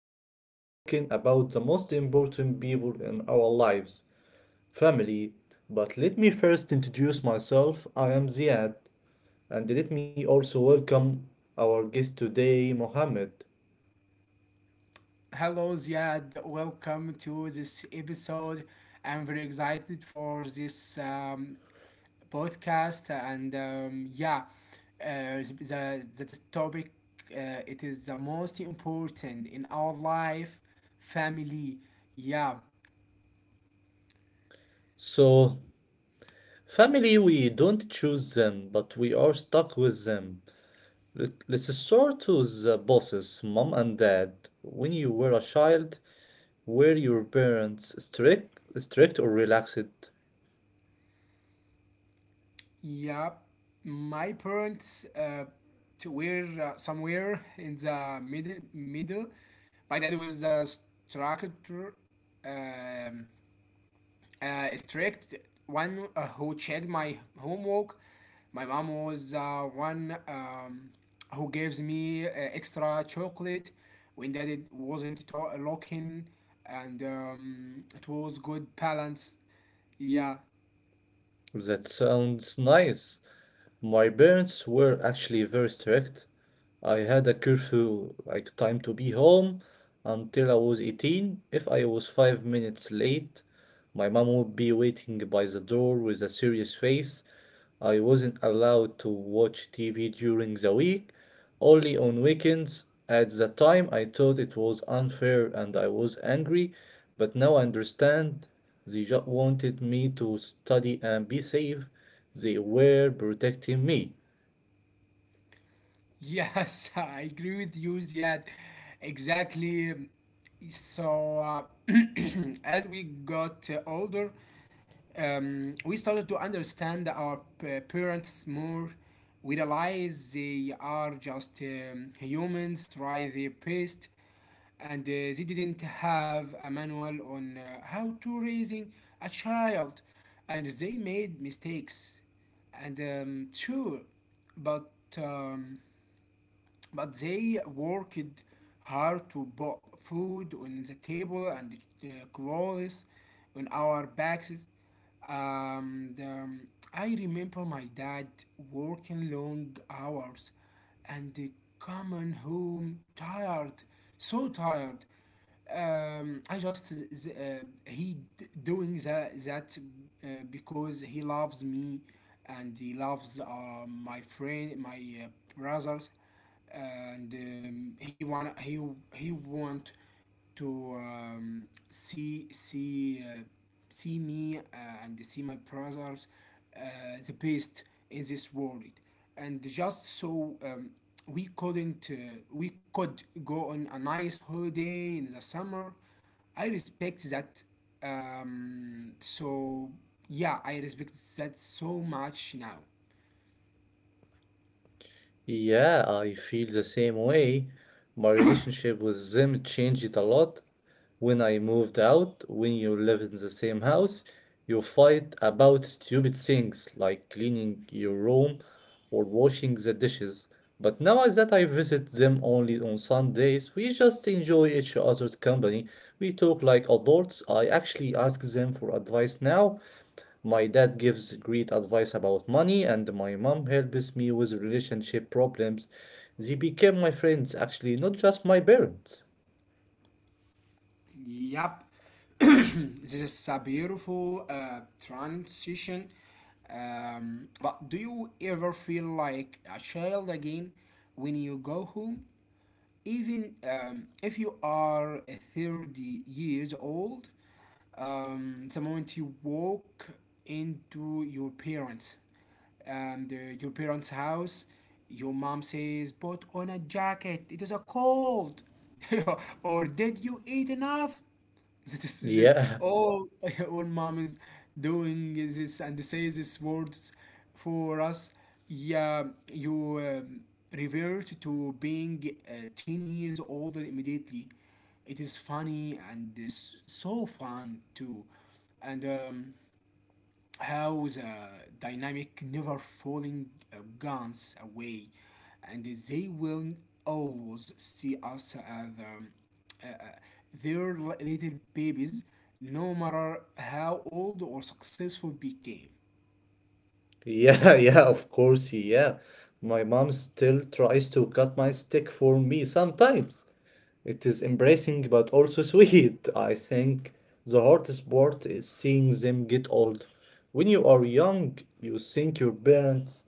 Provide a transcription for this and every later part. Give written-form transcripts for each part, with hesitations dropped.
we are talking about the most important people in our lives, family. But let me first introduce myself. I am Ziad, and let me also welcome our guest today, Mohammed. Hello, Ziad. Welcome to this episode. I'm very excited for this podcast, and yeah, the this topic it is the most important in our life, family. Yeah, So, family, we don't choose them, but we are stuck with them. Let's start with the bosses, mom and dad. When you were a child, were your parents strict or relaxed? yeah. My parents to were somewhere in the middle. My dad was a structure. Um, Strict one who checked my homework. My mom was one who gives me extra chocolate when that it wasn't looking, and it was good balance. Yeah, That sounds nice. My parents were actually very strict. I had a curfew, like time to be home until I was 18. If I was 5 minutes late, my mom would be waiting by the door with a serious face. I wasn't allowed to watch TV during the week, only on weekends. At the time, I thought it was unfair and I was angry, but now I understand they just wanted me to study and be safe. They were protecting me. yes, I agree with you, Ziad. Exactly. So, uh, as we got older, we started to understand our parents more. We realize they are just humans, try their best, and they didn't have a manual on how to raising a child, and they made mistakes. And sure, but um, but they worked hard to put food on the table and clothes on our backs. And I remember my dad working long hours and coming home tired, so tired. I just he d- Doing that because he loves me and he loves my friend, my uh, brothers and he want to see me and see my brothers uh, the best in this world and just so we couldn't we could go on a nice holiday in the summer. I respect that. um, so yeah, I respect that so much now. Yeah, I feel the same way. My relationship with them changed a lot when I moved out. When you live in the same house, you fight about stupid things like cleaning your room or washing the dishes. But now is that I visit them only on Sundays, we just enjoy each other's company. We talk like adults. I actually ask them for advice now my dad gives great advice about money, and my mom helps me with relationship problems. They became my friends, actually, not just my parents. Yep. This is a beautiful transition. But do you ever feel like a child again when you go home? Even if you are a 30 years old, the moment you walk into your parents and your parents house, your mom says put on a jacket, it is a cold. Or did you eat enough? this, this, Yeah, all, all mom is doing is this and say these words for us. Yeah, you um, revert to being 10 years older immediately. It is funny and is so fun too. And how the dynamic never falling guns away and they will always see us as um, uh, uh, their little babies no matter how old or successful became. yeah, yeah, of course, yeah. My mom still tries to cut my stick for me sometimes. It is embracing but also sweet. I think the hardest part is seeing them get old. When you are young, you think your parents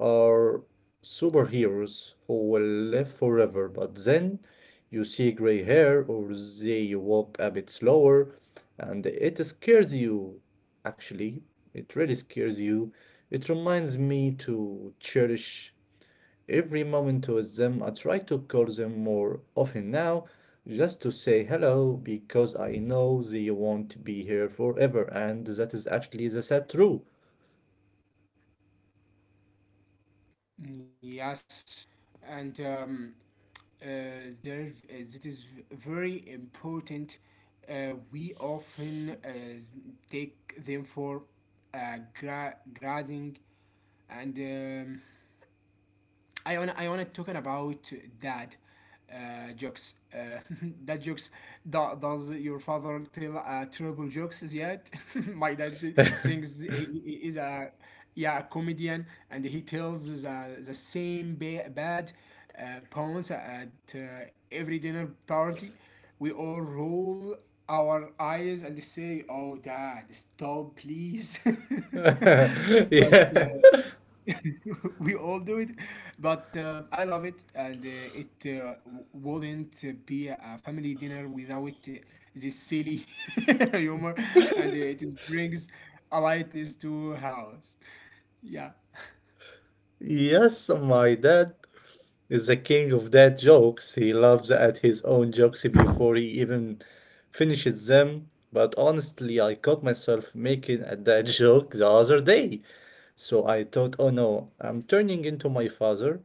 are superheroes who will live forever, but then you see gray hair or they walk a bit slower and it scares you. Actually, it really scares you. It reminds me to cherish every moment with them. I try to call them more often now just to say hello because I know they won't be here forever, and that is actually the sad truth. Yes, and uh, that is very important. We often take them for grading. And I wanna talking about dad jokes. Dad jokes. Does your father tell terrible jokes yet? My dad thinks he is a yeah a comedian and he tells the same bad puns at uh, every dinner party. We all roll our eyes and say, "Oh, dad, stop, please." But Yeah. we all do it, but I love it, and wouldn't be a family dinner without this silly humor. And it is brings a lightness to house. Yeah. Yes, my dad is the king of dad jokes. He laughs at his own jokes before he even finishes them. But honestly, I caught myself making a dad joke the other day. So I thought, oh no, I'm turning into my father.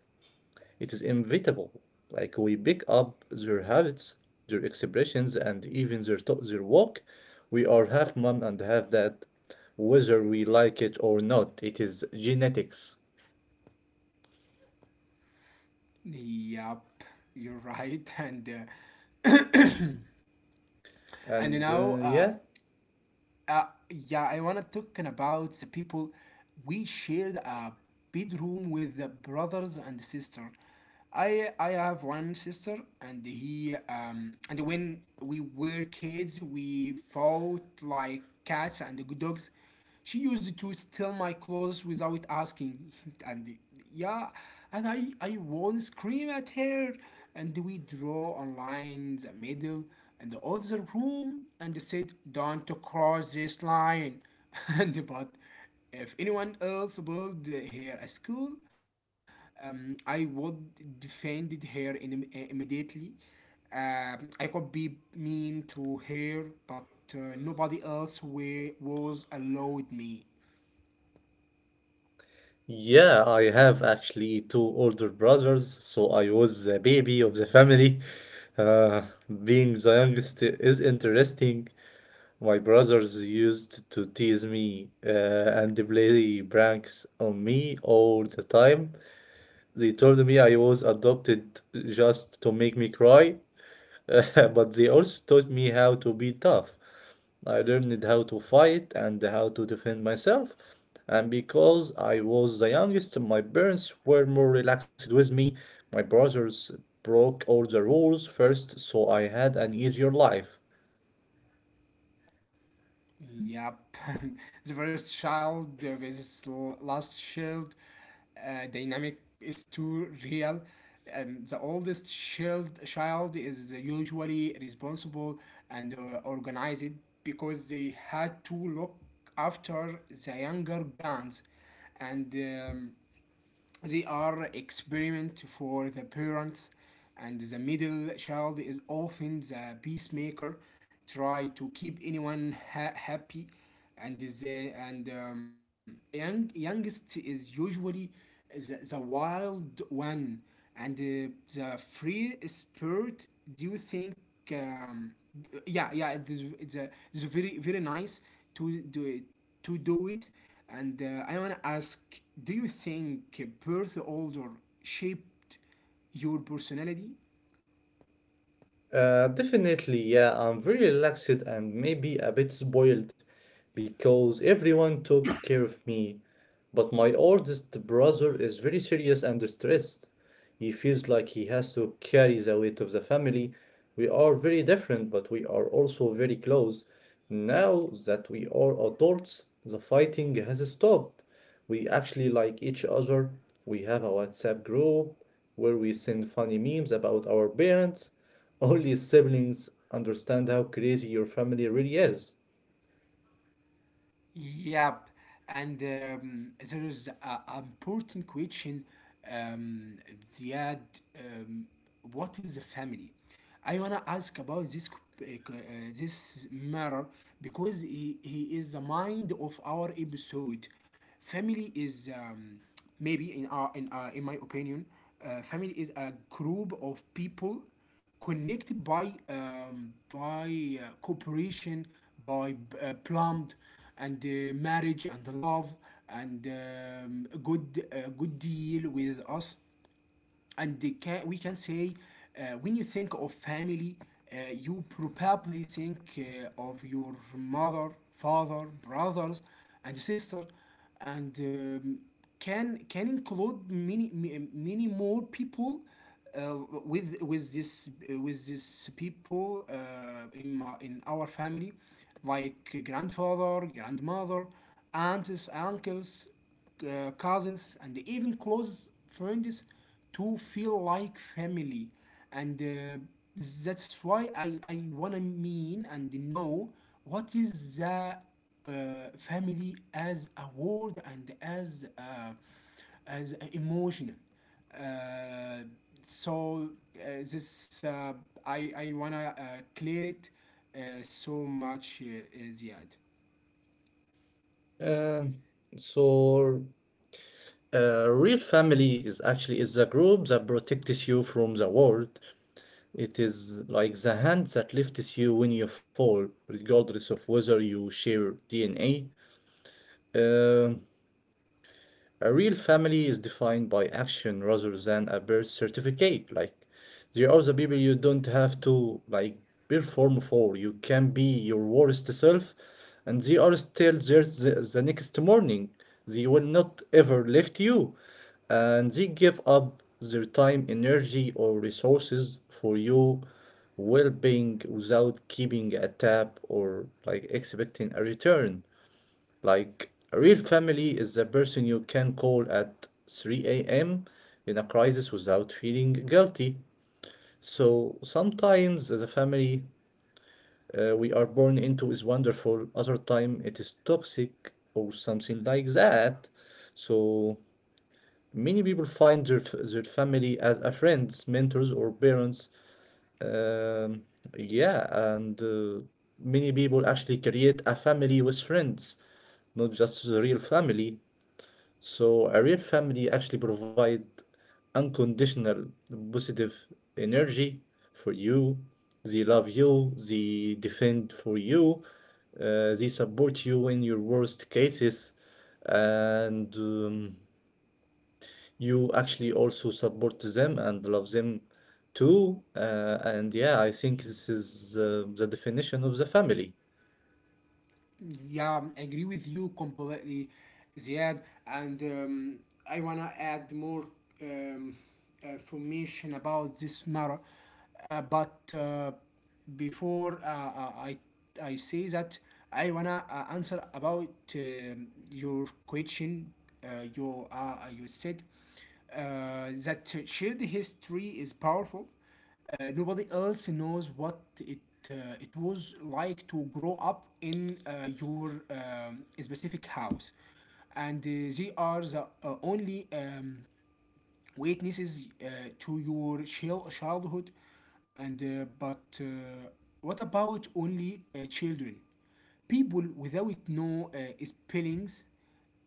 It is inevitable. Like, we pick up their habits, their expressions, and even their walk. We are half mom and half dad, whether we like it or not. It is genetics. Yep, you're right. And And now yeah. Yeah, I wanna talking about the people we shared a bedroom with, the brothers and sister. I have one sister, and he um, and when we were kids, we fought like cats and dogs. She used to steal my clothes without asking. And yeah, and I won't scream at her, and we draw a line in the middle and of the room and said, don't cross this line. And but if anyone else built here a school, I would defend her in, immediately. I could be mean to her, but nobody else was allowed me. Yeah, I have actually two older brothers, so I was the baby of the family. Uh, Being the youngest is interesting. My brothers used to tease me and play pranks on me all the time. They told me I was adopted just to make me cry, but they also taught me how to be tough. I learned how to fight and how to defend myself. And because I was the youngest, my parents were more relaxed with me. My brothers broke all the rules first, so I had an easier life. Yep. The first child last child dynamic is too real. The oldest child is usually responsible and organized because they had to look after the younger guns, and they are experiment for the parents, and the middle child is often the peacemaker, try to keep anyone happy, and the young youngest is usually the wild one and the free spirit. Do you think? Um, it's a very very nice to do it to do it. And I want to ask, do you think birth order shaped your personality? Definitely, yeah, I'm very relaxed and maybe a bit spoiled because everyone took care of me. But my oldest brother is very serious and stressed. He feels like he has to carry the weight of the family. We are very different, but we are also very close. Now that we are adults, the fighting has stopped. We actually like each other. We have a WhatsApp group where we send funny memes about our parents only siblings understand how crazy your family really is. Yep, and there is an important question, um, Ziad. Um, what is a family? I wanna ask about this uh, uh, this matter because he is the mind of our episode. Family is maybe in our in our, in my opinion, family is a group of people connected by cooperation, by plumbed, and marriage and love and a good deal with us. And we can say, when you think of family, you probably think of your mother, father, brothers and sister, and can include many many more people uh, with this people in our family, like grandfather, grandmother, aunts, uncles, cousins, and even close friends to feel like family. And that's why I wanna mean and know what is the uh, family as a word and as a emotion. Uh, so this I wanna clear it so much, Ziad. Um, so, real family is actually is a group that protects you from the world. It is like the hand that lifts you when you fall, regardless of whether you share DNA. Um A real family is defined by action rather than a birth certificate. Like there are the people you don't have to like perform for. You can be your worst self, and they are still there the next morning. They will not ever left you, and they give up their time, energy, or resources for your well-being without keeping a tab or like expecting a return. Like, a real family is the person you can call at 3 a.m. in a crisis without feeling guilty. So sometimes the family we are born into is wonderful, other time it is toxic or something like that. So many people find their family as a friends, mentors, or parents. Um, yeah, and many people actually create a family with friends, not just the real family. So a real family actually provide unconditional positive energy for you. They love you, they defend for you, they support you in your worst cases, and you actually also support them and love them too. And yeah, I think this is the definition of the family. Yeah, I agree with you completely, Ziad. And I wanna add more um, information about this matter. But Before I say that, I wanna answer about your question. You said that shared history is powerful. Nobody else knows what it was like to grow up in your specific house, and they are the only witnesses to your childhood. And but what about only children, people without no spellings?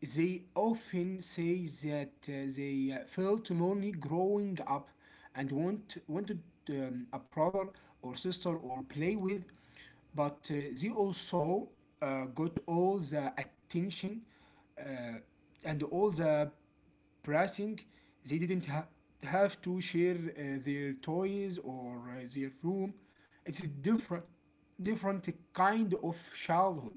They often say that they felt lonely growing up and wanted a brother or sister or play with, but they also got all the attention uh, and all the pressing. They didn't have to share their toys or their room. It's a different, different kind of childhood.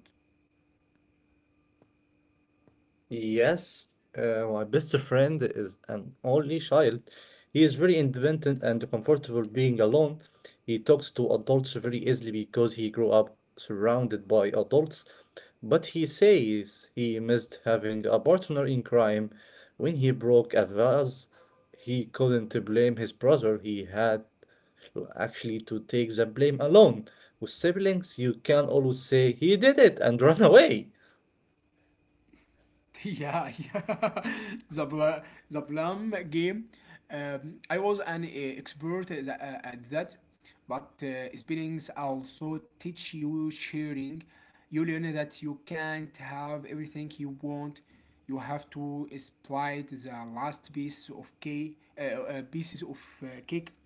Yes, my best friend is an only child. He is very independent and comfortable being alone. He talks to adults very easily because he grew up surrounded by adults. But he says he missed having a partner in crime. When he broke a vase, he couldn't blame his brother. He had actually to take the blame alone. With siblings, you can always say he did it and run away. Yeah, yeah. The the Plum game. I was an expert at at that, but spellings also teach you sharing. You learn that you can't have everything you want. You have to split the last piece of cake, pieces of cake,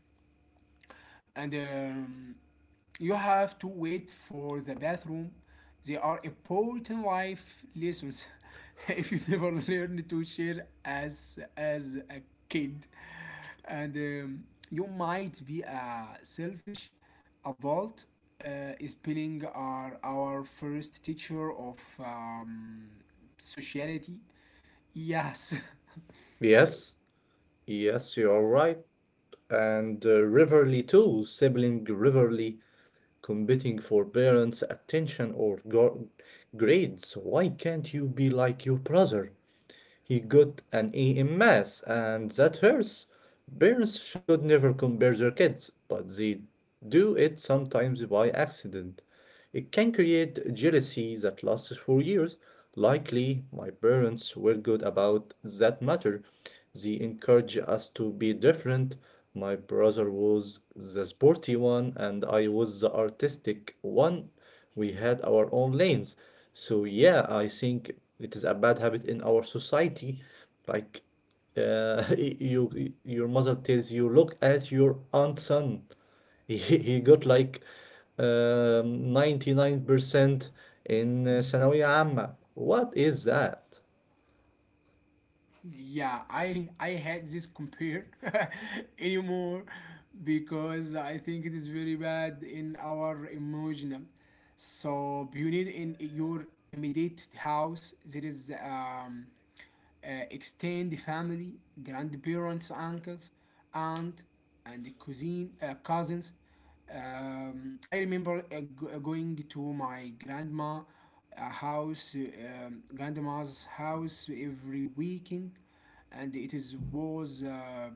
and you have to wait for the bathroom. They are important life lessons. If you never learn to share as a kid, and you might be a selfish adult. Spelling are our first teacher of sociality. Yes. Yes. Yes, you're right. And Rivalry too, sibling Riverly, competing for parents' attention or grades. Why can't you be like your brother? He got an A in maths, and that hurts. Parents should never compare their kids, but they do it sometimes by accident. It can create jealousy that lasts for years. Likely, my parents were good about that matter. They encouraged us to be different. My brother was the sporty one, and I was the artistic one. We had our own lanes. So, yeah, I think it is a bad habit in our society. Like, you, your mother tells you, look at your aunt's son. He got like 99% in ثانوية عامة. What is that? Yeah, I hate this compare anymore because I think it is very bad in our emotional. So you need in your immediate house there is extended family, grandparents, uncles, aunt, and cousins. I remember going to my grandma house, grandma's house every weekend, and it is was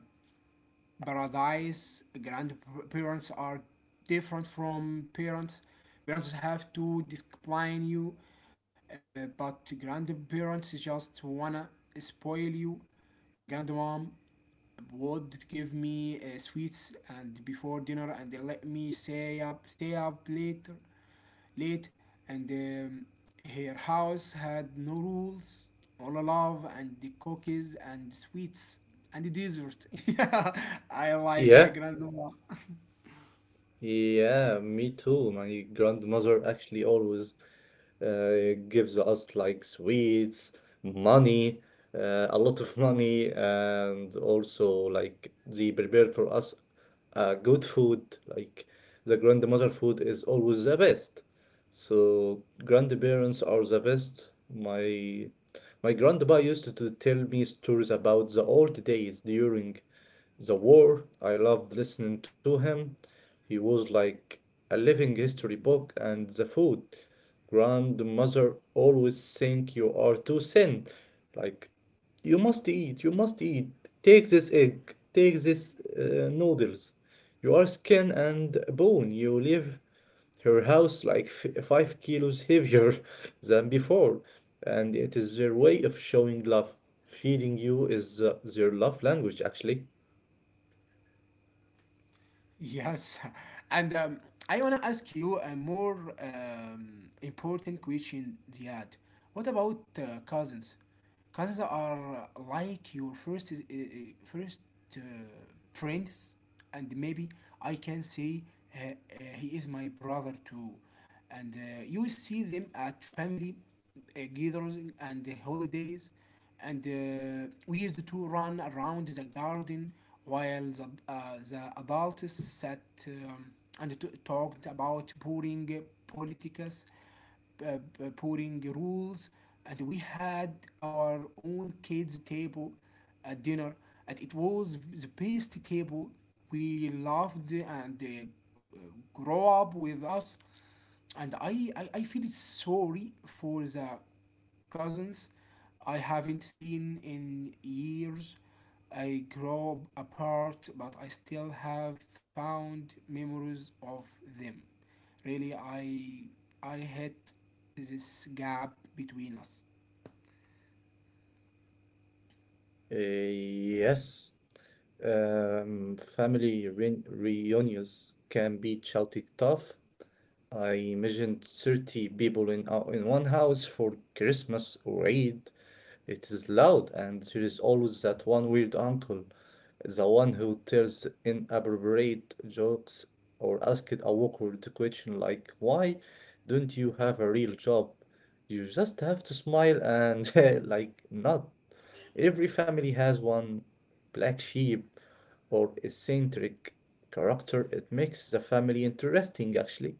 paradise. Grandparents are different from parents. Parents have to discipline you, but grandparents just wanna spoil you. My grandmom would give me sweets and before dinner, and let me stay up late, and her house had no rules, all love and the cookies and sweets and the dessert. Yeah, I like my Yeah, grandma. yeah, me too. My grandmother actually always gives us like sweets, money, a lot of money, and also like they prepare for us good food. Like the grandmother food is always the best. So grandparents are the best. My grandpa used to tell me stories about the old days during the war. I loved listening to him. He was like a living history book, and the food. Grandmother always think you are too thin. Like, you must eat, you must eat. Take this egg, take this noodles. You are skin and bone. You leave her house like 5 kilos heavier than before. And it is their way of showing love. Feeding you is their love language, actually. Yes, and I want to ask you a more important question, Ziad. What about cousins? Cousins are like your first uh, friends, and maybe I can say he is my brother too. And you see them at family gatherings and holidays, and we used to run around the garden while the adults sat um, talked about boring politics, boring rules, and we had our own kids' table at dinner, and it was the best table. We loved and grow up with us, and I feel sorry for the cousins I haven't seen in years. I grow apart, but I still have found memories of them. Really, I hate this gap between us. Yes, family re reunions can be chaotic tough. I imagined 30 people in one house for Christmas or Eid. It is loud, and there is always that one weird uncle, the one who tells inappropriate jokes or asks a awkward question like, "Why don't you have a real job? You just have to smile and like nod." Every family has one black sheep or eccentric character. It makes the family interesting, actually.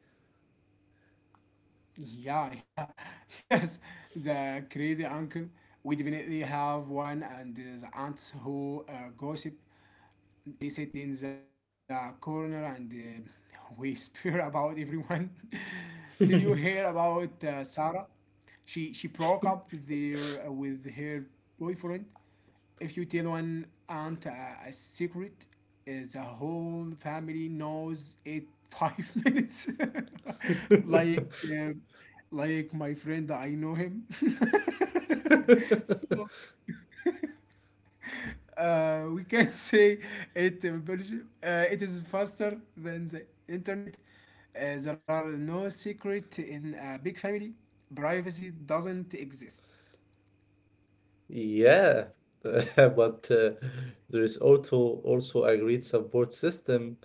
Yeah, yeah, yes. The crazy uncle. We definitely have one, and the aunts who gossip. They sit in the corner and whisper about everyone. Did you hear about Sarah? She broke up there with her boyfriend. If you tell one aunt a secret, the whole family knows it five minutes. Like uh, like my friend, I know him. So we can say it in Belgium. It is faster than the internet. There are no secret in a big family. Privacy doesn't exist. Yeah, but there is also agreed support system.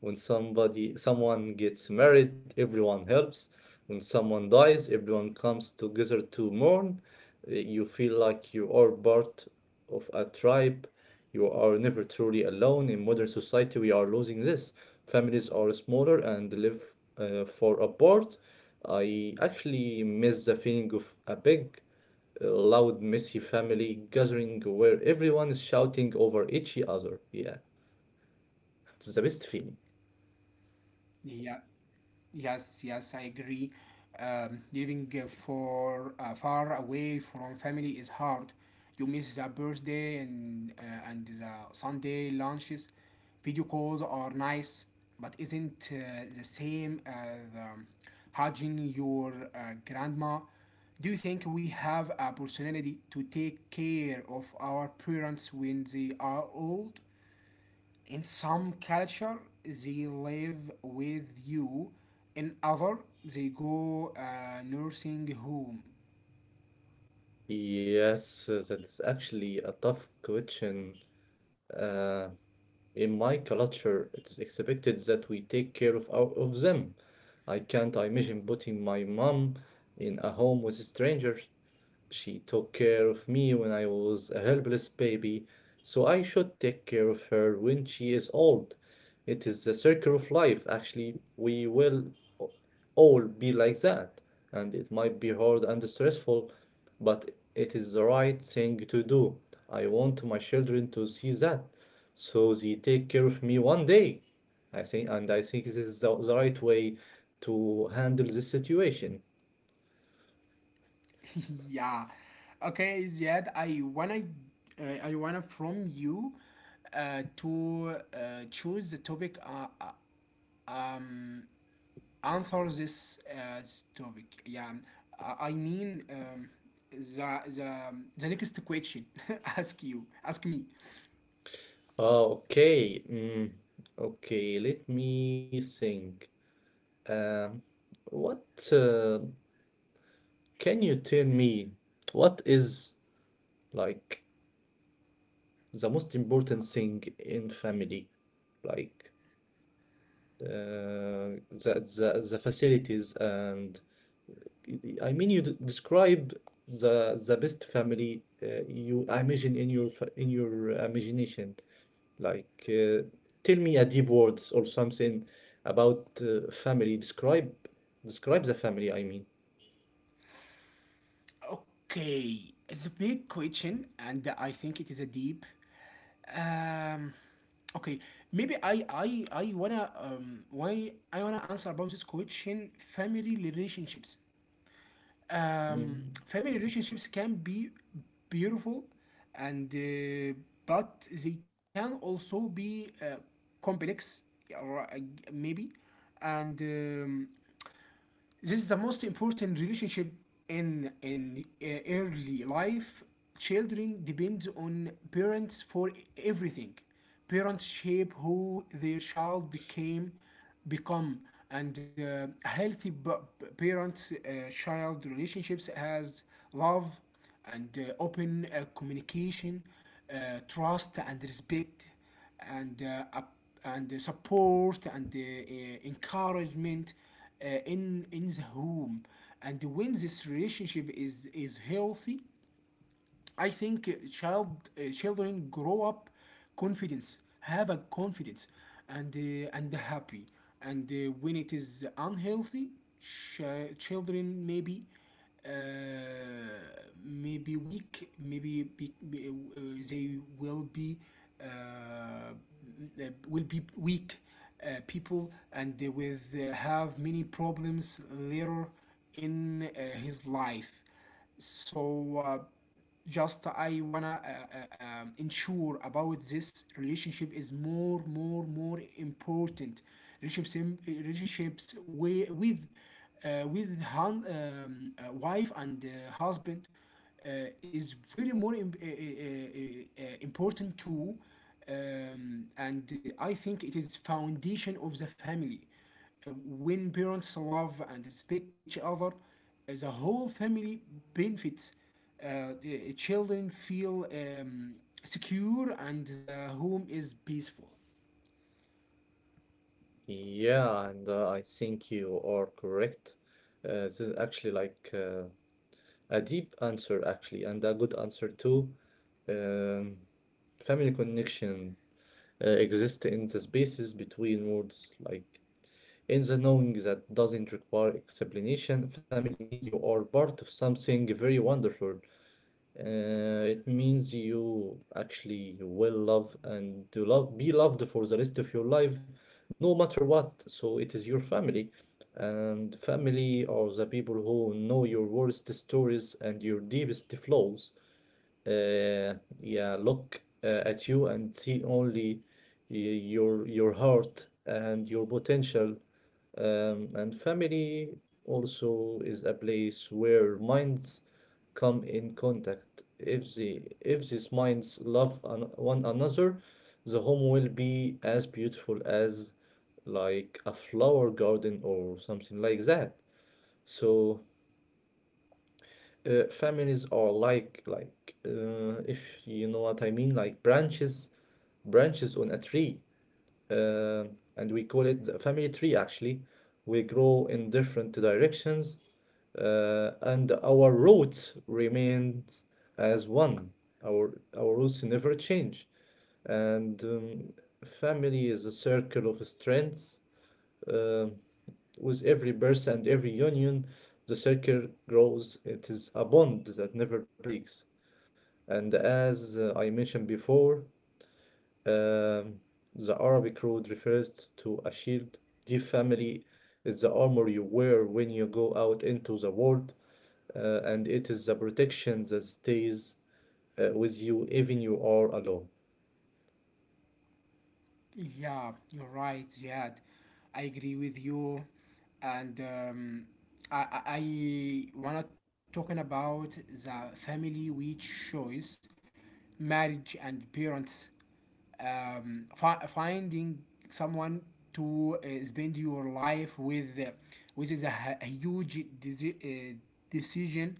When somebody someone gets married, everyone helps. When someone dies, everyone comes together to mourn. You feel like you are part of a tribe. You are never truly alone. In modern society, we are losing this. Families are smaller and live far apart. I actually miss the feeling of a big loud, messy family gathering where everyone is shouting over each other. Yeah, it's the best feeling. Yeah. Yes, yes, I agree. Living for far away from family is hard. You miss the birthday and the Sunday lunches. Video calls are nice, but isn't the same as hugging your grandma. Do you think we have a personality to take care of our parents when they are old? In some culture, they live with you. In other, they go nursing home. Yes, that's actually a tough question. Uh, in my culture, it's expected that we take care of of them. I can't imagine putting my mom in a home with strangers. She took care of me when I was a helpless baby, so I should take care of her when she is old. It is the circle of life. Actually, we will o- all be like that, and it might be hard and stressful, but it is the right thing to do. I want my children to see that, so they take care of me one day. I think, and I think this is the right way to handle this situation. Yeah. Okay, Ziad, I wanna from you to choose the topic, answer this, this topic. Yeah, I mean the the next question. Ask you, ask me. Oh, okay. Mm, okay, let me think. Um, what uh, can you tell me? What is like the most important thing in family? Like the facilities and I mean you d describe the best family you imagine in in your imagination. Like, tell me a deep words or something about family. Describe, describe the family, I mean. Okay, it's a big question, and I think it is a deep. Um, okay, maybe I I wanna why I wanna answer about this question family relationships. Mm. Family relationships can be beautiful, and but they can also be complex, or maybe, and. This is the most important relationship in early life. Children depend on parents for everything. Parents shape who their child become, and healthy parent-child relationships has love and open communication, trust and respect and uh, up- and support and encouragement in the home, and when this relationship is healthy, I think children grow up have a confidence, and and happy. And when it is unhealthy, children maybe uh, maybe weak, they will be uh, weak people, and they will have many problems later in his life, so just I wanna ensure about this relationship is more important relationships relationships wi- with hun- wife and husband uh, is very more important too. And I think it is foundation of the family. When parents love and respect each other, the whole family benefits. The children feel secure and the home is peaceful. Yeah, and I think you are correct. This is actually like a deep answer, actually, and a good answer too. Um, Family connection exists in the spaces between words, like in the knowing that doesn't require explanation. Family means you are part of something very wonderful. It means you actually will love and to love be loved for the rest of your life, no matter what. So it is your family, and family are the people who know your worst stories and your deepest flaws, yeah, look at you and see only your heart and your potential. And family also is a place where minds come in contact. If these minds love an, one another, the home will be as beautiful as like a flower garden or something like that. So families are like if you know what I mean, like branches on a tree, uh, and we call it the family tree actually. We grow in different directions, and our roots remains as one. Our roots never change, and family is a circle of strengths. um with every burst and every union, the circle grows. It is a bond that never breaks. And as I mentioned before, um, the Arabic road refers to a shield. The family is the armor you wear when you go out into the world, and it is the protection that stays with you even you are alone. Yeah, you're right, Ziad. I agree with you. And I wanna talking about the family we choose, marriage and parents. Finding someone to spend your life with, which is a huge decision.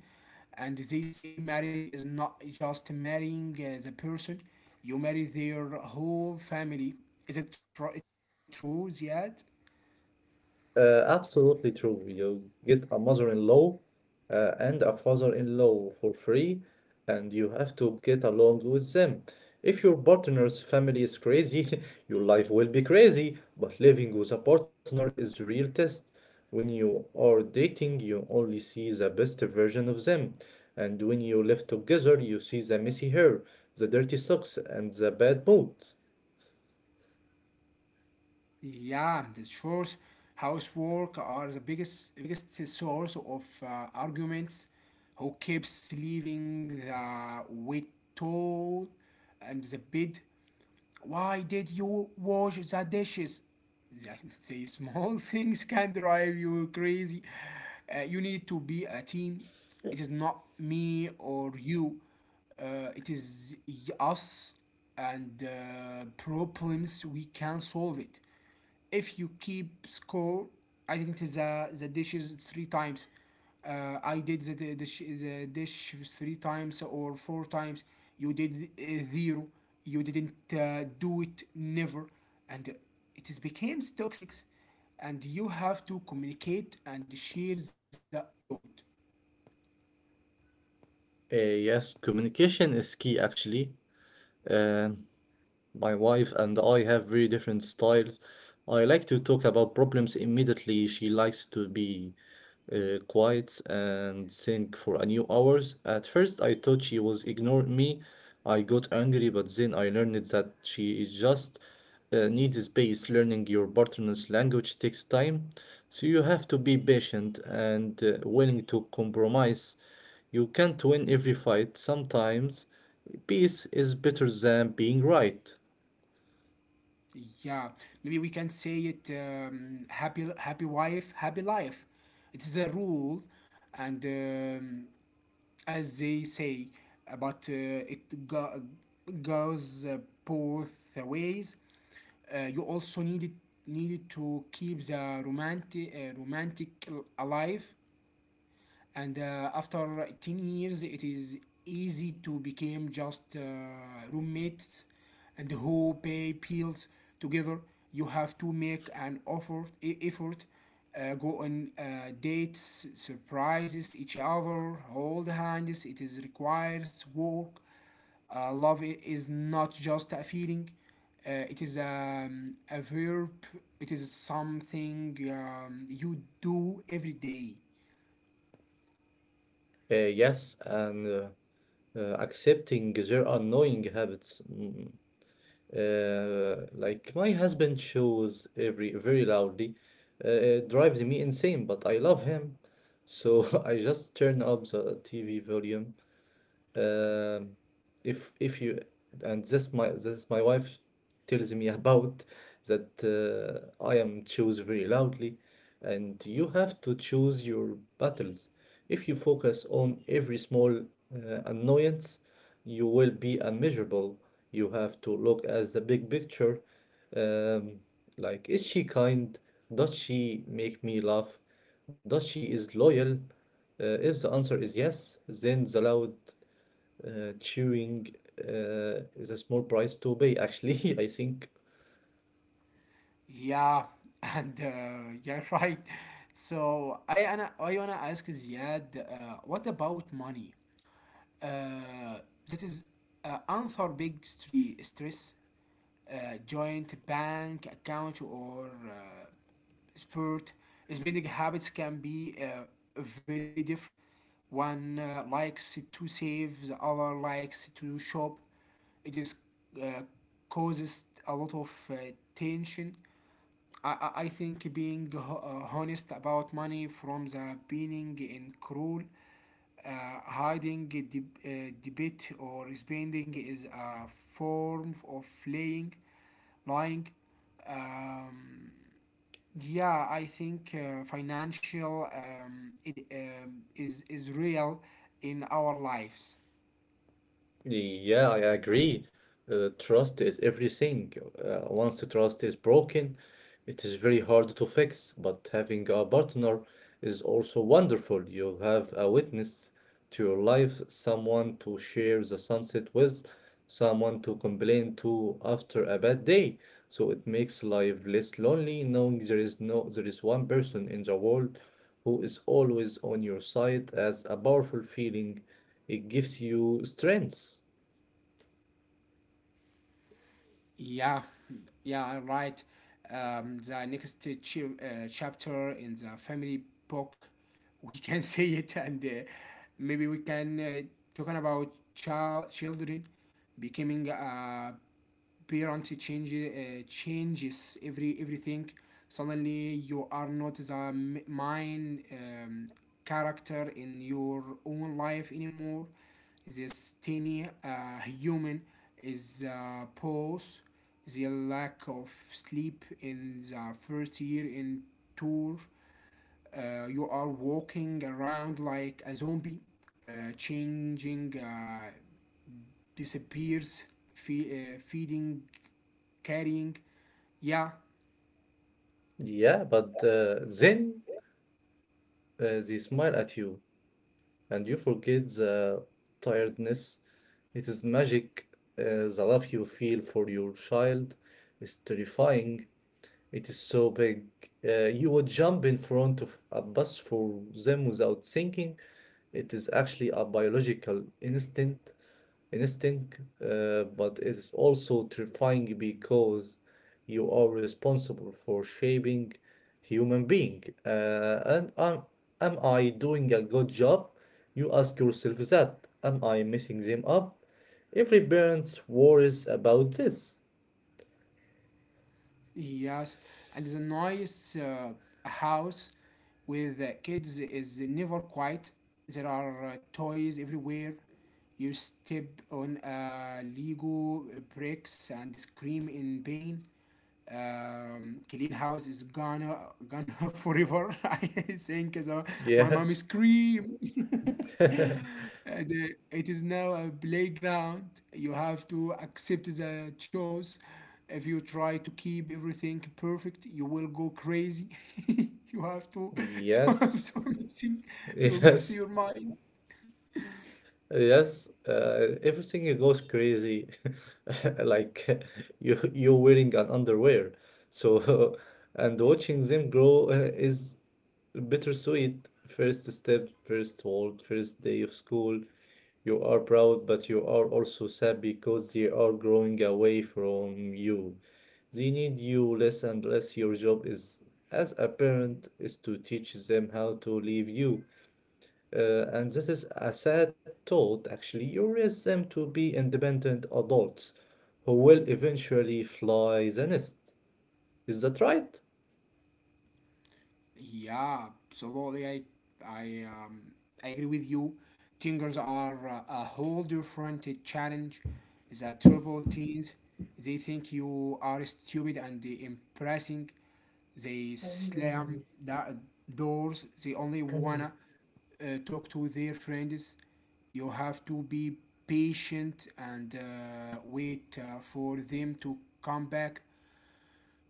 And they say marriage is not just marrying the person, you marry their whole family. Is it true, Ziad? Absolutely true. You get a mother-in-law and a father-in-law for free, and you have to get along with them. If your partner's family is crazy, your life will be crazy, but living with a partner is the real test. When you are dating, you only see the best version of them, and when you live together, you see the messy hair, the dirty socks, and the bad moods. Yeah, the chores, housework are the biggest source of arguments. Who keeps leaving the wet towel, and the bed? Why did you wash the dishes? Yeah, say small things can drive you crazy. You need to be a team. It is not me or you. It is us and problems we can solve it. If you keep score, I think the dishes three times. I did the dish three times or four times. You did zero. You didn't do it never. And it is becomes toxic. And you have to communicate and share the load. Yes, communication is key actually. Um, My wife and I have very different styles. I like to talk about problems immediately. She likes to be quiet and think for a new hours. At first, I thought she was ignoring me. I got angry, but then I learned that she is just needs space. Learning your partner's language takes time, so you have to be patient and willing to compromise. You can't win every fight. Sometimes, peace is better than being right. Yeah, maybe we can say it happy wife, happy life. It is a rule. And. As they say, but it go- goes both ways. You also needed to keep the romantic alive, and after 10 years it is easy to become just roommates and who pay bills together. You have to make an effort, go on dates, surprises each other, hold hands. It is requires work. Love is not just a feeling, it is a verb. It is something you do every day. Yes, and accepting their annoying habits. Mm, like my husband shows every very loudly. It drives me insane, but I love him. So I just turn up the TV volume, um, if you and this my wife tells me about that I am choose very loudly, and you have to choose your battles. If you focus on every small annoyance, you will be unmeasurable. You have to look at the big picture. Um, like, is she kind? Does she make me laugh? Does she is loyal? If the answer is yes, then the loud cheering is a small price to pay, actually. I think. Yeah, and yeah, right. So I wanna ask Ziad, what about money? Uh, that is another big stress. Joint bank account or spurt spending habits can be very different. One likes to save, the other likes to shop. It is uh, causes a lot of tension. I think being honest about money from the beginning in cruel, hiding a debit or spending is a form of lying. Um, yeah, I think financial is real in our lives. Yeah, I agree. Trust is everything. Once the trust is broken, it is very hard to fix. But having a partner is also wonderful. You have a witness to your life, someone to share the sunset with, someone to complain to after a bad day. So it makes life less lonely, knowing there is no there is one person in the world who is always on your side as a powerful feeling. It gives you strength. Yeah, yeah, right. The next chapter in the family book, we can say it, and maybe we can talking about children. Becoming a parent changes everything. Suddenly you are not the main character in your own life anymore. This tiny human is pause, the lack of sleep in the first year in tour. You are walking around like a zombie. Changing disappears, feeding, carrying. Yeah, Yeah, but then they smile at you and you forget the tiredness. It is magic. The love you feel for your child is terrifying. It is so big. You would jump in front of a bus for them without thinking. It is actually a biological instinct, but it's also terrifying because you are responsible for shaping human being. And am I doing a good job? You ask yourself that. Am I messing them up? Every parent worries about this. yes. And the noise house with the kids is never quiet. There are toys everywhere. You step on Lego bricks and scream in pain. Clean house is gonna forever. I think so. My Yeah. mom scream. And, it is now a playground. You have to accept the choice. If you try to keep everything perfect, you will go crazy. you have to, to have Yes. to you're missing Yes. your mind. Yes, everything goes crazy. Like you you're wearing an underwear. So and watching them grow is bittersweet. First step, first world, first day of school. You are proud, but you are also sad because they are growing away from you. They need you less and less. Your job is, as a parent, is to teach them how to leave you. And this is a sad thought, actually. You raise them to be independent adults who will eventually fly the nest. Is that right? Yeah, absolutely. I um, I agree with you. Tingers are a whole different challenge. The trouble teens, they think you are stupid and impressing. They slam the doors. They only wanna talk to their friends. You have to be patient and wait for them to come back.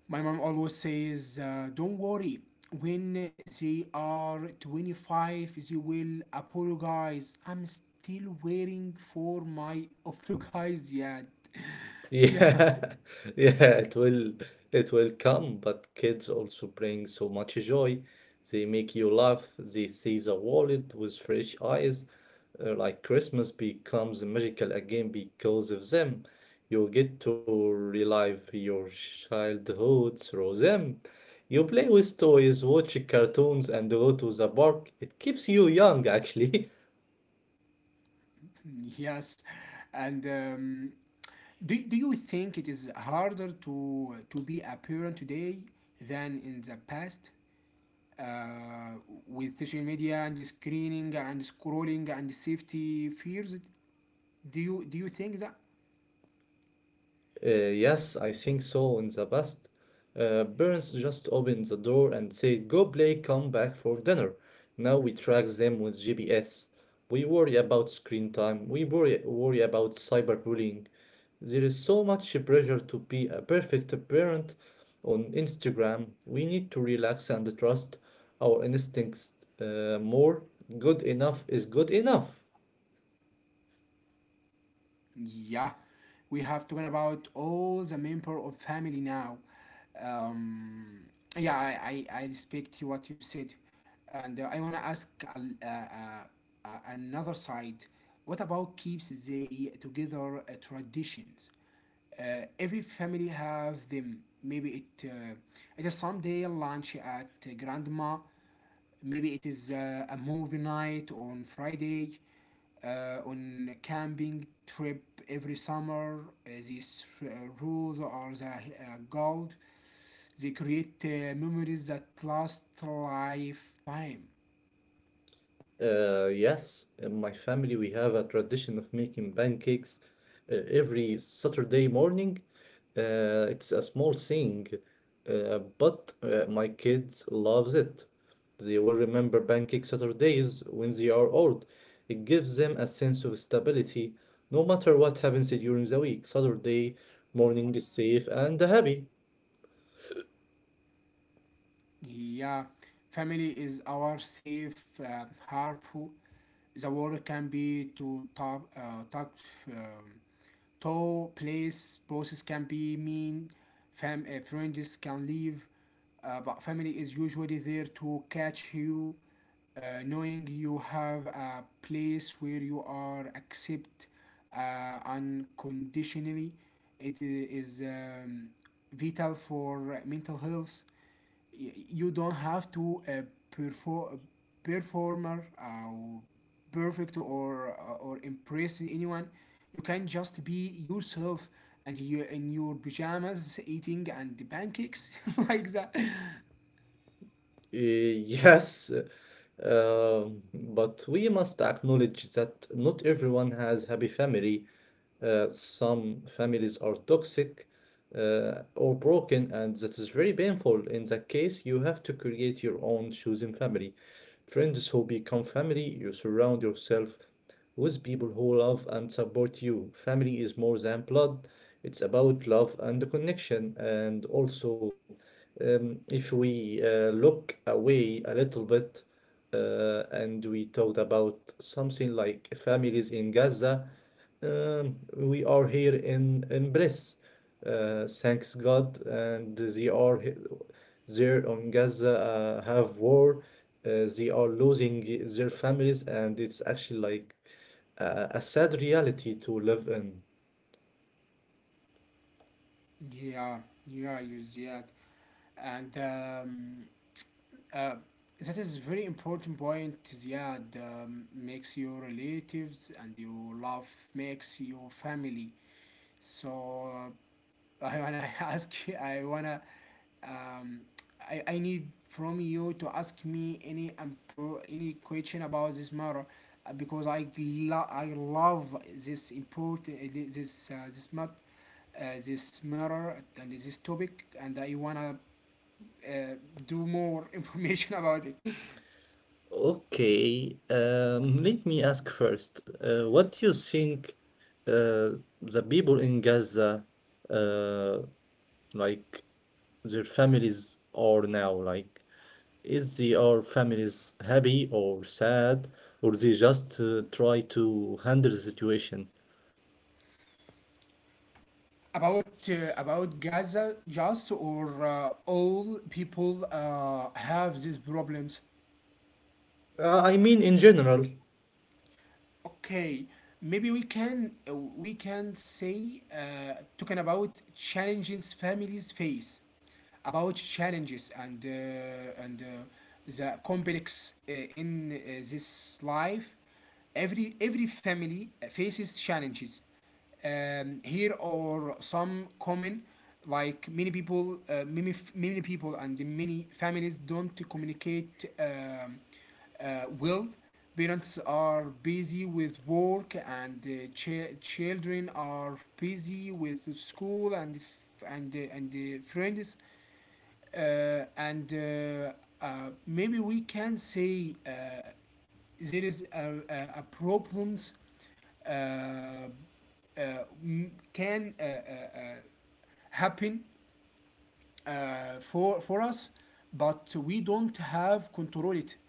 My mom always says, "Don't worry, when they are 25, they will apologize." I'm still waiting for my apologize yet. yeah, Yeah, yeah, it will, it will come, but kids also bring so much joy. They make you laugh, they see the world with fresh eyes. Like Christmas becomes magical again because of them. You get to relive your childhood through them. You play with toys, watch cartoons, and go to the park. It keeps you young, actually. yes. And do you think it is harder to be a parent today than in the past? Uh, with social media and screening and scrolling and safety fears, do you think that? Yes, I think so. In the past, parents just opened the door and said, "Go play, come back for dinner." Now we track them with GPS. We worry about screen time. We worry about cyberbullying. There is so much pressure to be a perfect parent on Instagram. We need to relax and trust our instincts more. Good enough is good enough. Yeah, we have talking about all the member of family now. Um, yeah, I respect you what you said, and I wanna ask uh, another side. What about keeps they together traditions? Every family have them. Maybe it uh, it is Sunday lunch at grandma, maybe it is a movie night on Friday, on camping trip every summer. These rules are the gold. They create memories that last lifetime. Yes, in my family we have a tradition of making pancakes every Saturday morning. It's a small thing, but my kids loves it. They will remember Pancake Saturdays when they are old. It gives them a sense of stability, no matter what happens during the week. Saturday morning is safe and happy. Yeah, family is our safe harbor. The world can be to top, top, um, to place. Bosses can be mean. Friends can leave. But family is usually there to catch you, knowing you have a place where you are accept unconditionally. It is um, vital for mental health. You don't have to perform, performer, or perfect, or impressing anyone. You can just be yourself and you in your pajamas eating and the pancakes like that. Uh, Yes, but we must acknowledge that not everyone has happy family. Some families are toxic or broken, and that is very painful. In that case, you have to create your own chosen family. Friends who become family, you surround yourself with people who love and support you. Family is more than blood, it's about love and connection. And also, if we look away a little bit and we talked about something like families in Gaza, we are here in Bris. Thanks God, and they are there on Gaza have war. They are losing their families, and it's actually like a sad reality to live in. Yeah, yeah, you Ziad. And uh, that is very important point, Ziad. Makes your relatives and your love makes your family. So I wanna ask you, um, I need from you to ask me any any question about this matter, because I love this important this this matter and this topic, and I wanna uh, do more information about it. Okay, let me ask first, what do you think uh, the people in Gaza, uh, like their families are now like? Is the our families happy or sad, or they just try to handle the situation? About about Gaza just, or all people have these problems? I mean, in general. Okay, maybe we can say talking about challenges families face, about challenges and the complex in this life. Every family faces challenges. Here are some common, like many people, many people and many families don't communicate. Well, parents are busy with work, and children are busy with school and friends. And Maybe we can say there is a problems uh, uh, can happen for us, but we don't have control it,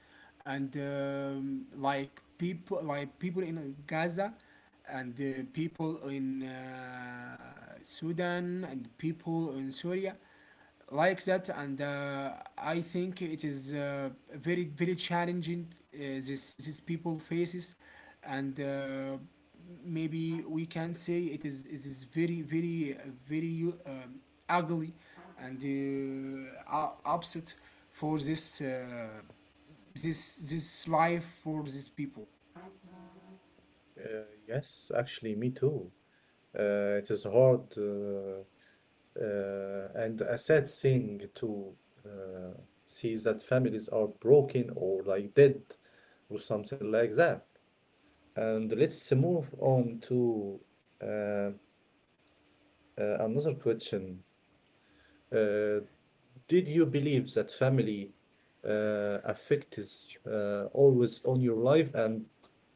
and like people in Gaza, and people in Sudan, and people in Syria, like that. And I think it is very challenging uh, this people faces. And maybe we can say it is very ugly and upset for this life for these people. Uh, yes, actually, me too. It is hard and a sad thing to uh, see that families are broken or like dead or something like that. And let's move on to uh, uh, another question. Uh, Did you believe that family affect is always on your life and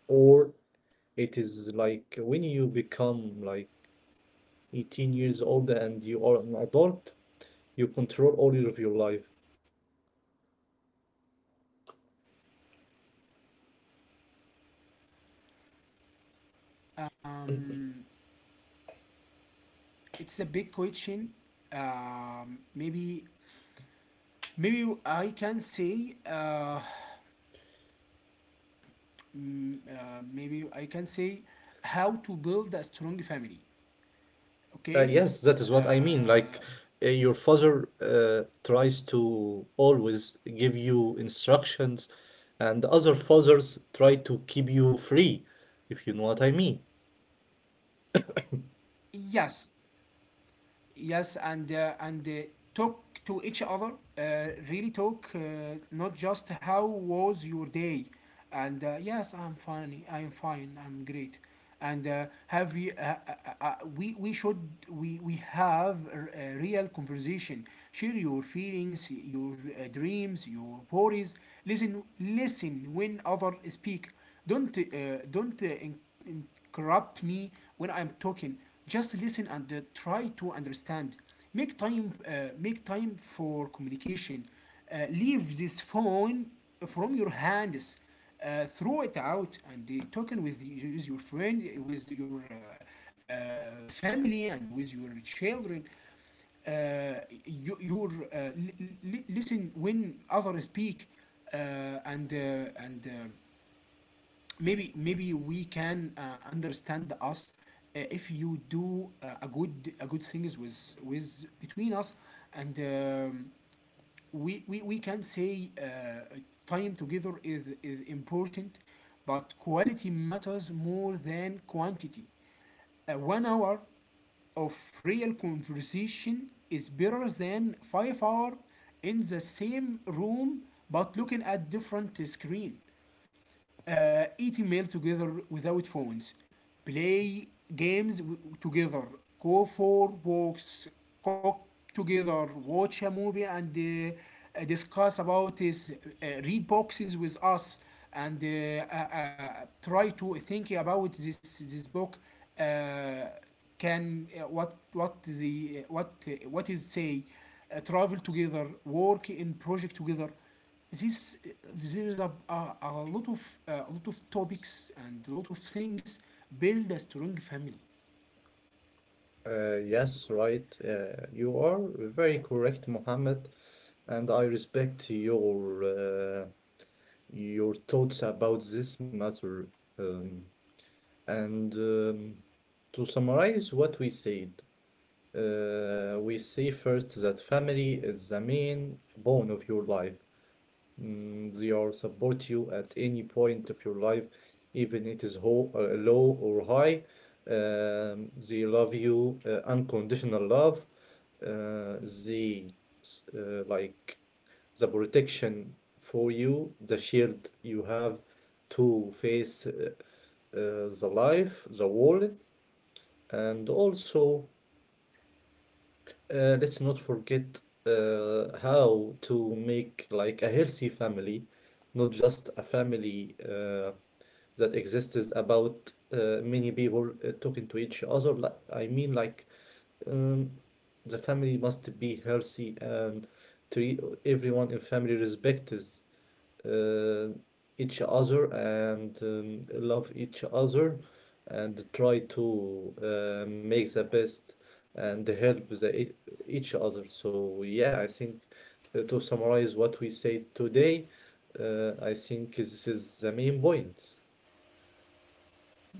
or it is like when you become like 18 years old and you are an adult, you control all of your life. um, it's a big question. um, maybe Maybe I can say maybe I can say how to build a strong family. Okay. Yes, that is what I mean. Uh, Like your father tries to always give you instructions, and other fathers try to keep you free, if you know what I mean. yes, yes and talk to each other, really talk, not just how was your day and yes, I'm fine, I'm fine, I'm great and have you we should we have a real conversation. Share your feelings, your dreams, your worries. Listen when other speak. Don't uh, don't uh, in, in, corrupt me when I'm talking. Just listen and try to understand. Make time, uh, Make time for communication. Leave this phone from your hands. Throw it out and talking with your friend, with your family, and with your children. Uh, you, your li- li- Listen when others speak, uh, and uh, and maybe we can understand us if you do a good things with between us. And um, we, we we can say time together is important, but quality matters more than quantity. 1 hour of real conversation is better than 5 hour in the same room but looking at different screen. Eating meal together without phones, play games together, go for walks, cook together, watch a movie, and discuss about this, read boxes with us, and try to think about this book. Uh, can what the what is say Travel together, work in project together. This there is a, a, a lot of topics and a lot of things, build a strong family. Yes, right. You are very correct, Mohammed, and I respect your thoughts about this matter. Um, and to summarize what we said, we say first that family is the main bone of your life. Mm, they are support you at any point of your life, even it is ho low or high. They love you unconditional love. They like the protection for you, the shield you have to face the life, the world, and also let's not forget how to make like a healthy family, not just a family that exists about many people talking to each other. Like, I mean, like um, the family must be healthy and treat everyone in family respects uh, each other and love each other and try to make the best and help the, each other. So yeah, I think to summarize what we said today, I think this is the main point.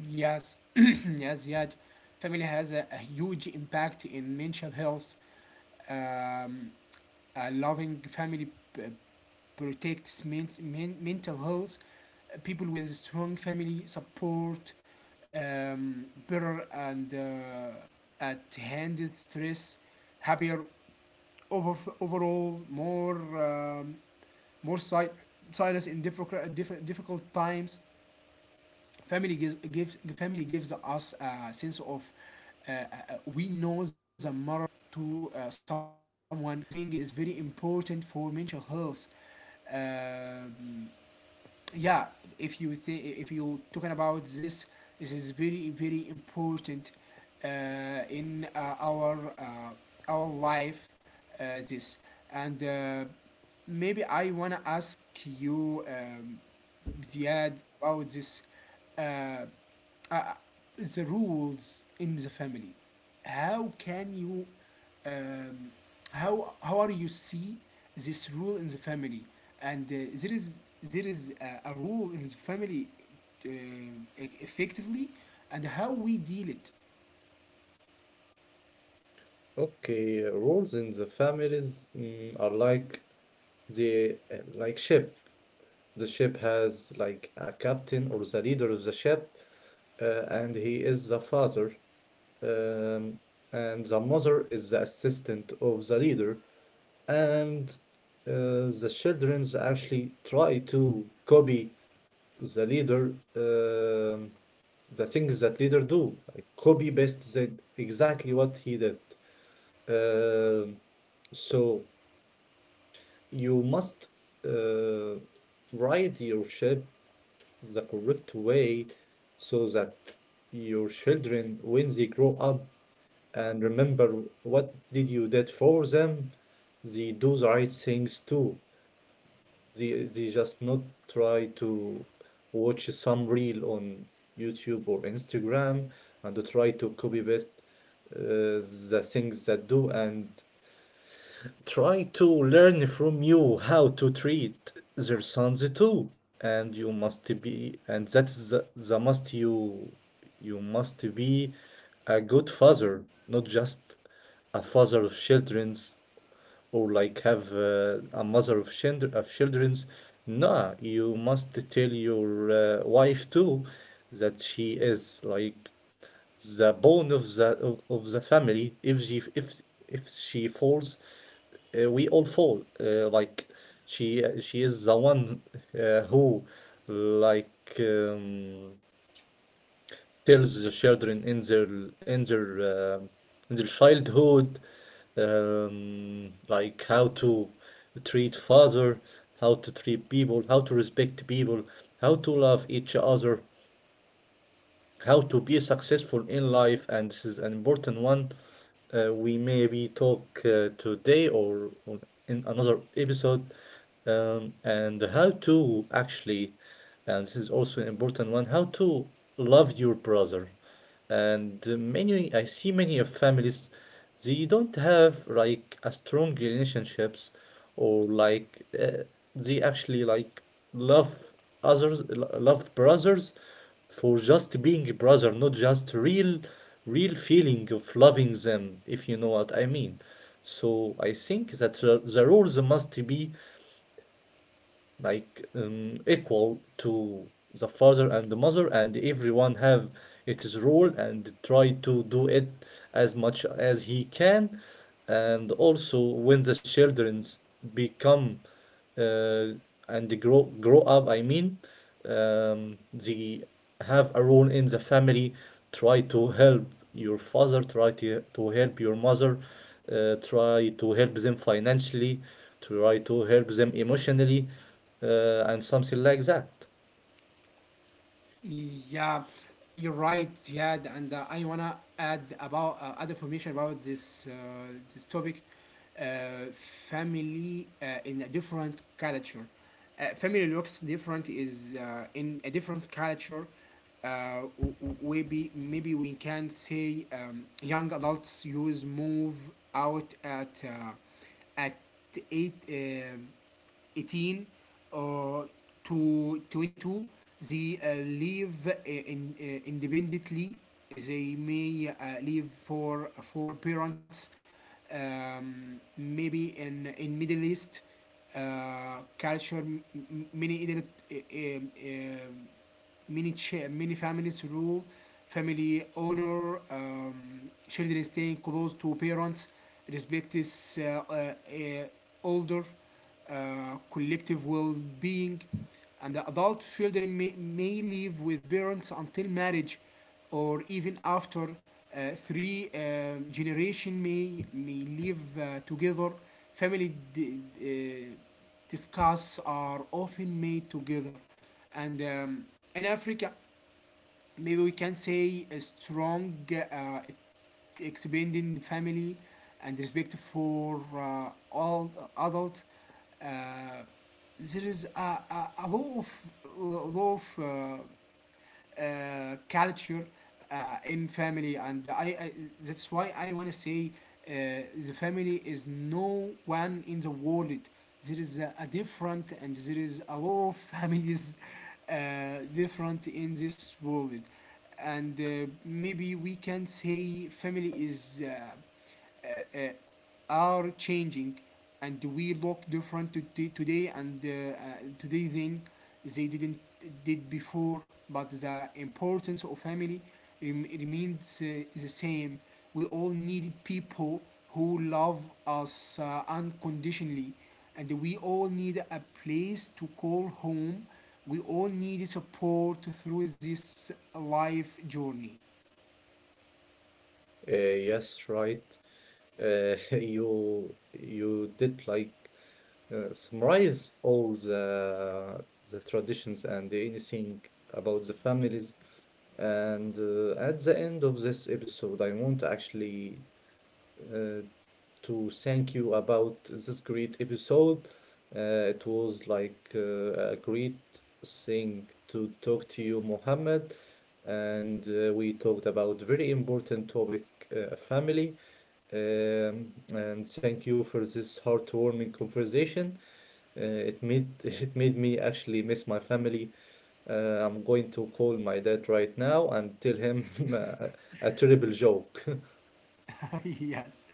Yes. Yes, yet family has a huge impact in mental health. um, a loving family p- protects mental health. People with strong family support better and at handle stress, happier, over overall more um, more si- silence in difficult times. Family gives us a sense of uh, uh, we know the matter to someone. This feeling is very important for mental health. Um, yeah, if you think, if you talking about this, this is very very important uh, in our life. This and Maybe I wanna ask you, Ziad, about this, uh, uh, the rules in the family. How can you, um, how are you see this rule in the family? And there is a rule in the family, e- effectively, and how we deal it. Okay, roles in the families mm, are like the like ship. The ship has like a captain or the leader of the ship, and he is the father. um, and the mother is the assistant of the leader, and the children actually try to copy the leader, the things that leader do, like copy paste the, exactly what he did. Um so you must uh, ride your ship the correct way so that your children, when they grow up, and remember what did you did for them, they do the right things too. They just not try to watch some reel on YouTube or Instagram and to try to copy paste uh, the things that do and try to learn from you how to treat their sons too. And you must be, and that's the must, you must be a good father, not just a father of children's or like have a mother of children of children's. Nah, you must tell your wife too that she is like the bone of the of the family. If if she falls, we all fall. Like she is the one who like um, tells the children in their in their in their childhood like how to treat father, how to treat people, how to respect people, how to love each other, how to be successful in life. And this is an important one. We maybe talk today in another episode, and how to actually, and this is also an important one, how to love your brother. And many, I see many of families, they don't have like a strong relationships, or like they actually like love love brothers for just being a brother, not just real, real feeling of loving them, if you know what I mean. So I think that the rules must be like equal to the father and the mother, and everyone have its role and try to do it as much as he can. And also when the children become uh, and they grow up, I mean, they have a role in the family. Try to help your father, to help your mother, try to help them financially, try to help them emotionally, and something like that. Yeah, you're right, Ziad, and I wanna add about, add information about this, this topic, uh, family in a different culture. Family looks different is in a different culture. Maybe we can say, young adults use move out at eight. 18 uh, to 22, they live independently. They may live for parents. Maybe in Middle East culture, many adult, many cha- many families rule family honor, children staying close to parents, respect is, older, collective well-being. And the adult children may live with parents until marriage, or even after, three generation may live together. Family discuss are often made together. And in Africa, maybe we can say a strong, uh, expanding family and respect for all adults. Uh, there is a lot of culture in family. And I That's why I want to say, the family is no one in the world. There is a different, and there is a lot of families, different in this world. And maybe we can say family is uh, uh, are changing, and we look different today, and today than they didn't did before, but the importance of family remains the same. We all need people who love us unconditionally, and we all need a place to call home. We all need support through this life journey. uh, yes, right. You did like summarize all the traditions and anything about the families. And at the end of this episode, I want to actually uh, to thank you about this great episode. It was like a great thing to talk to you, Mohammed. And we talked about very important topic, family. And thank you for this heartwarming conversation. It made it made me actually miss my family. I'm going to call my dad right now and tell him a, a terrible joke. Yes.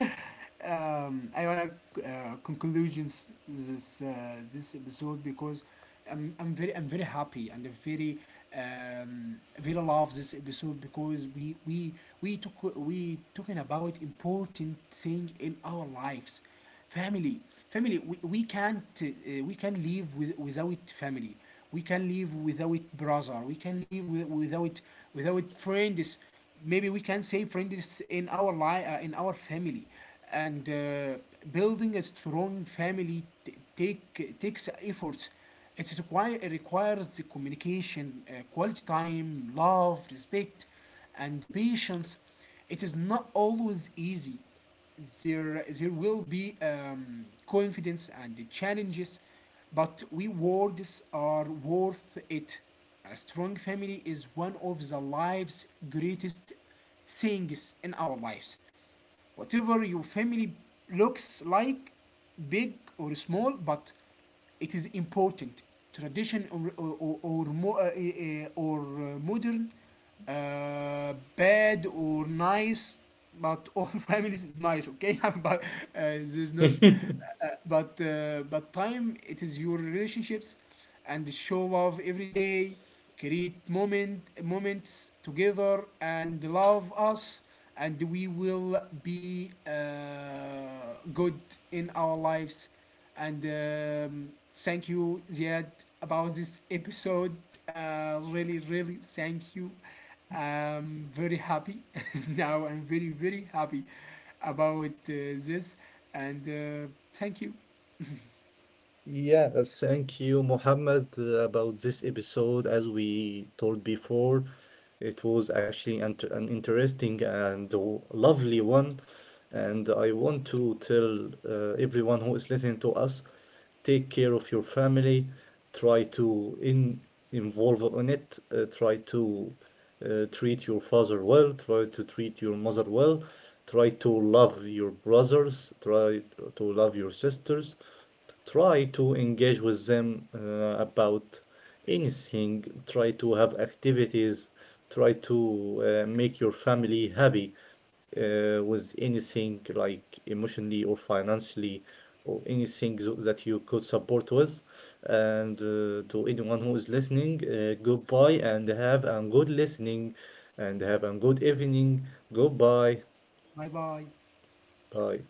I wanna conclusions this, this episode, because I'm very, I'm very happy, and I'm very, um, really love this episode, because we talking about important thing in our lives: family. Family, we can't, we can live with, without family. We can live without brother. We can live with, without, without friends. Maybe we can say friends in our life, in our family. And building a strong family takes efforts. It requires the communication, quality time, love, respect, and the patience. It is not always easy. There will be, confidence and the challenges, but we words are worth it. A strong family is one of the life's greatest things in our lives. Whatever your family looks like, big or small, but it is important. Tradition or, or, or, mo- uh, uh, modern, bad or nice, but all families is nice, okay? But there's no s- but time it is your relationships, and show love every day, create moments together, and love us, and we will be good in our lives. And thank you, Ziad, about this episode. Really, really thank you. I'm very happy now. I'm very, very happy about this. And thank you. Yeah, thank you, Mohammed, about this episode. As we told before, it was actually an interesting and lovely one. And I want to tell everyone who is listening to us, take care of your family, try to in, involve on it, try to treat your father well, try to treat your mother well, try to love your brothers, try to love your sisters, try to engage with them about anything, try to have activities, try to make your family happy with anything like emotionally or financially or anything that you could support with. And to anyone who is listening, goodbye and have a good listening and have a good evening. Goodbye. Bye bye. Bye.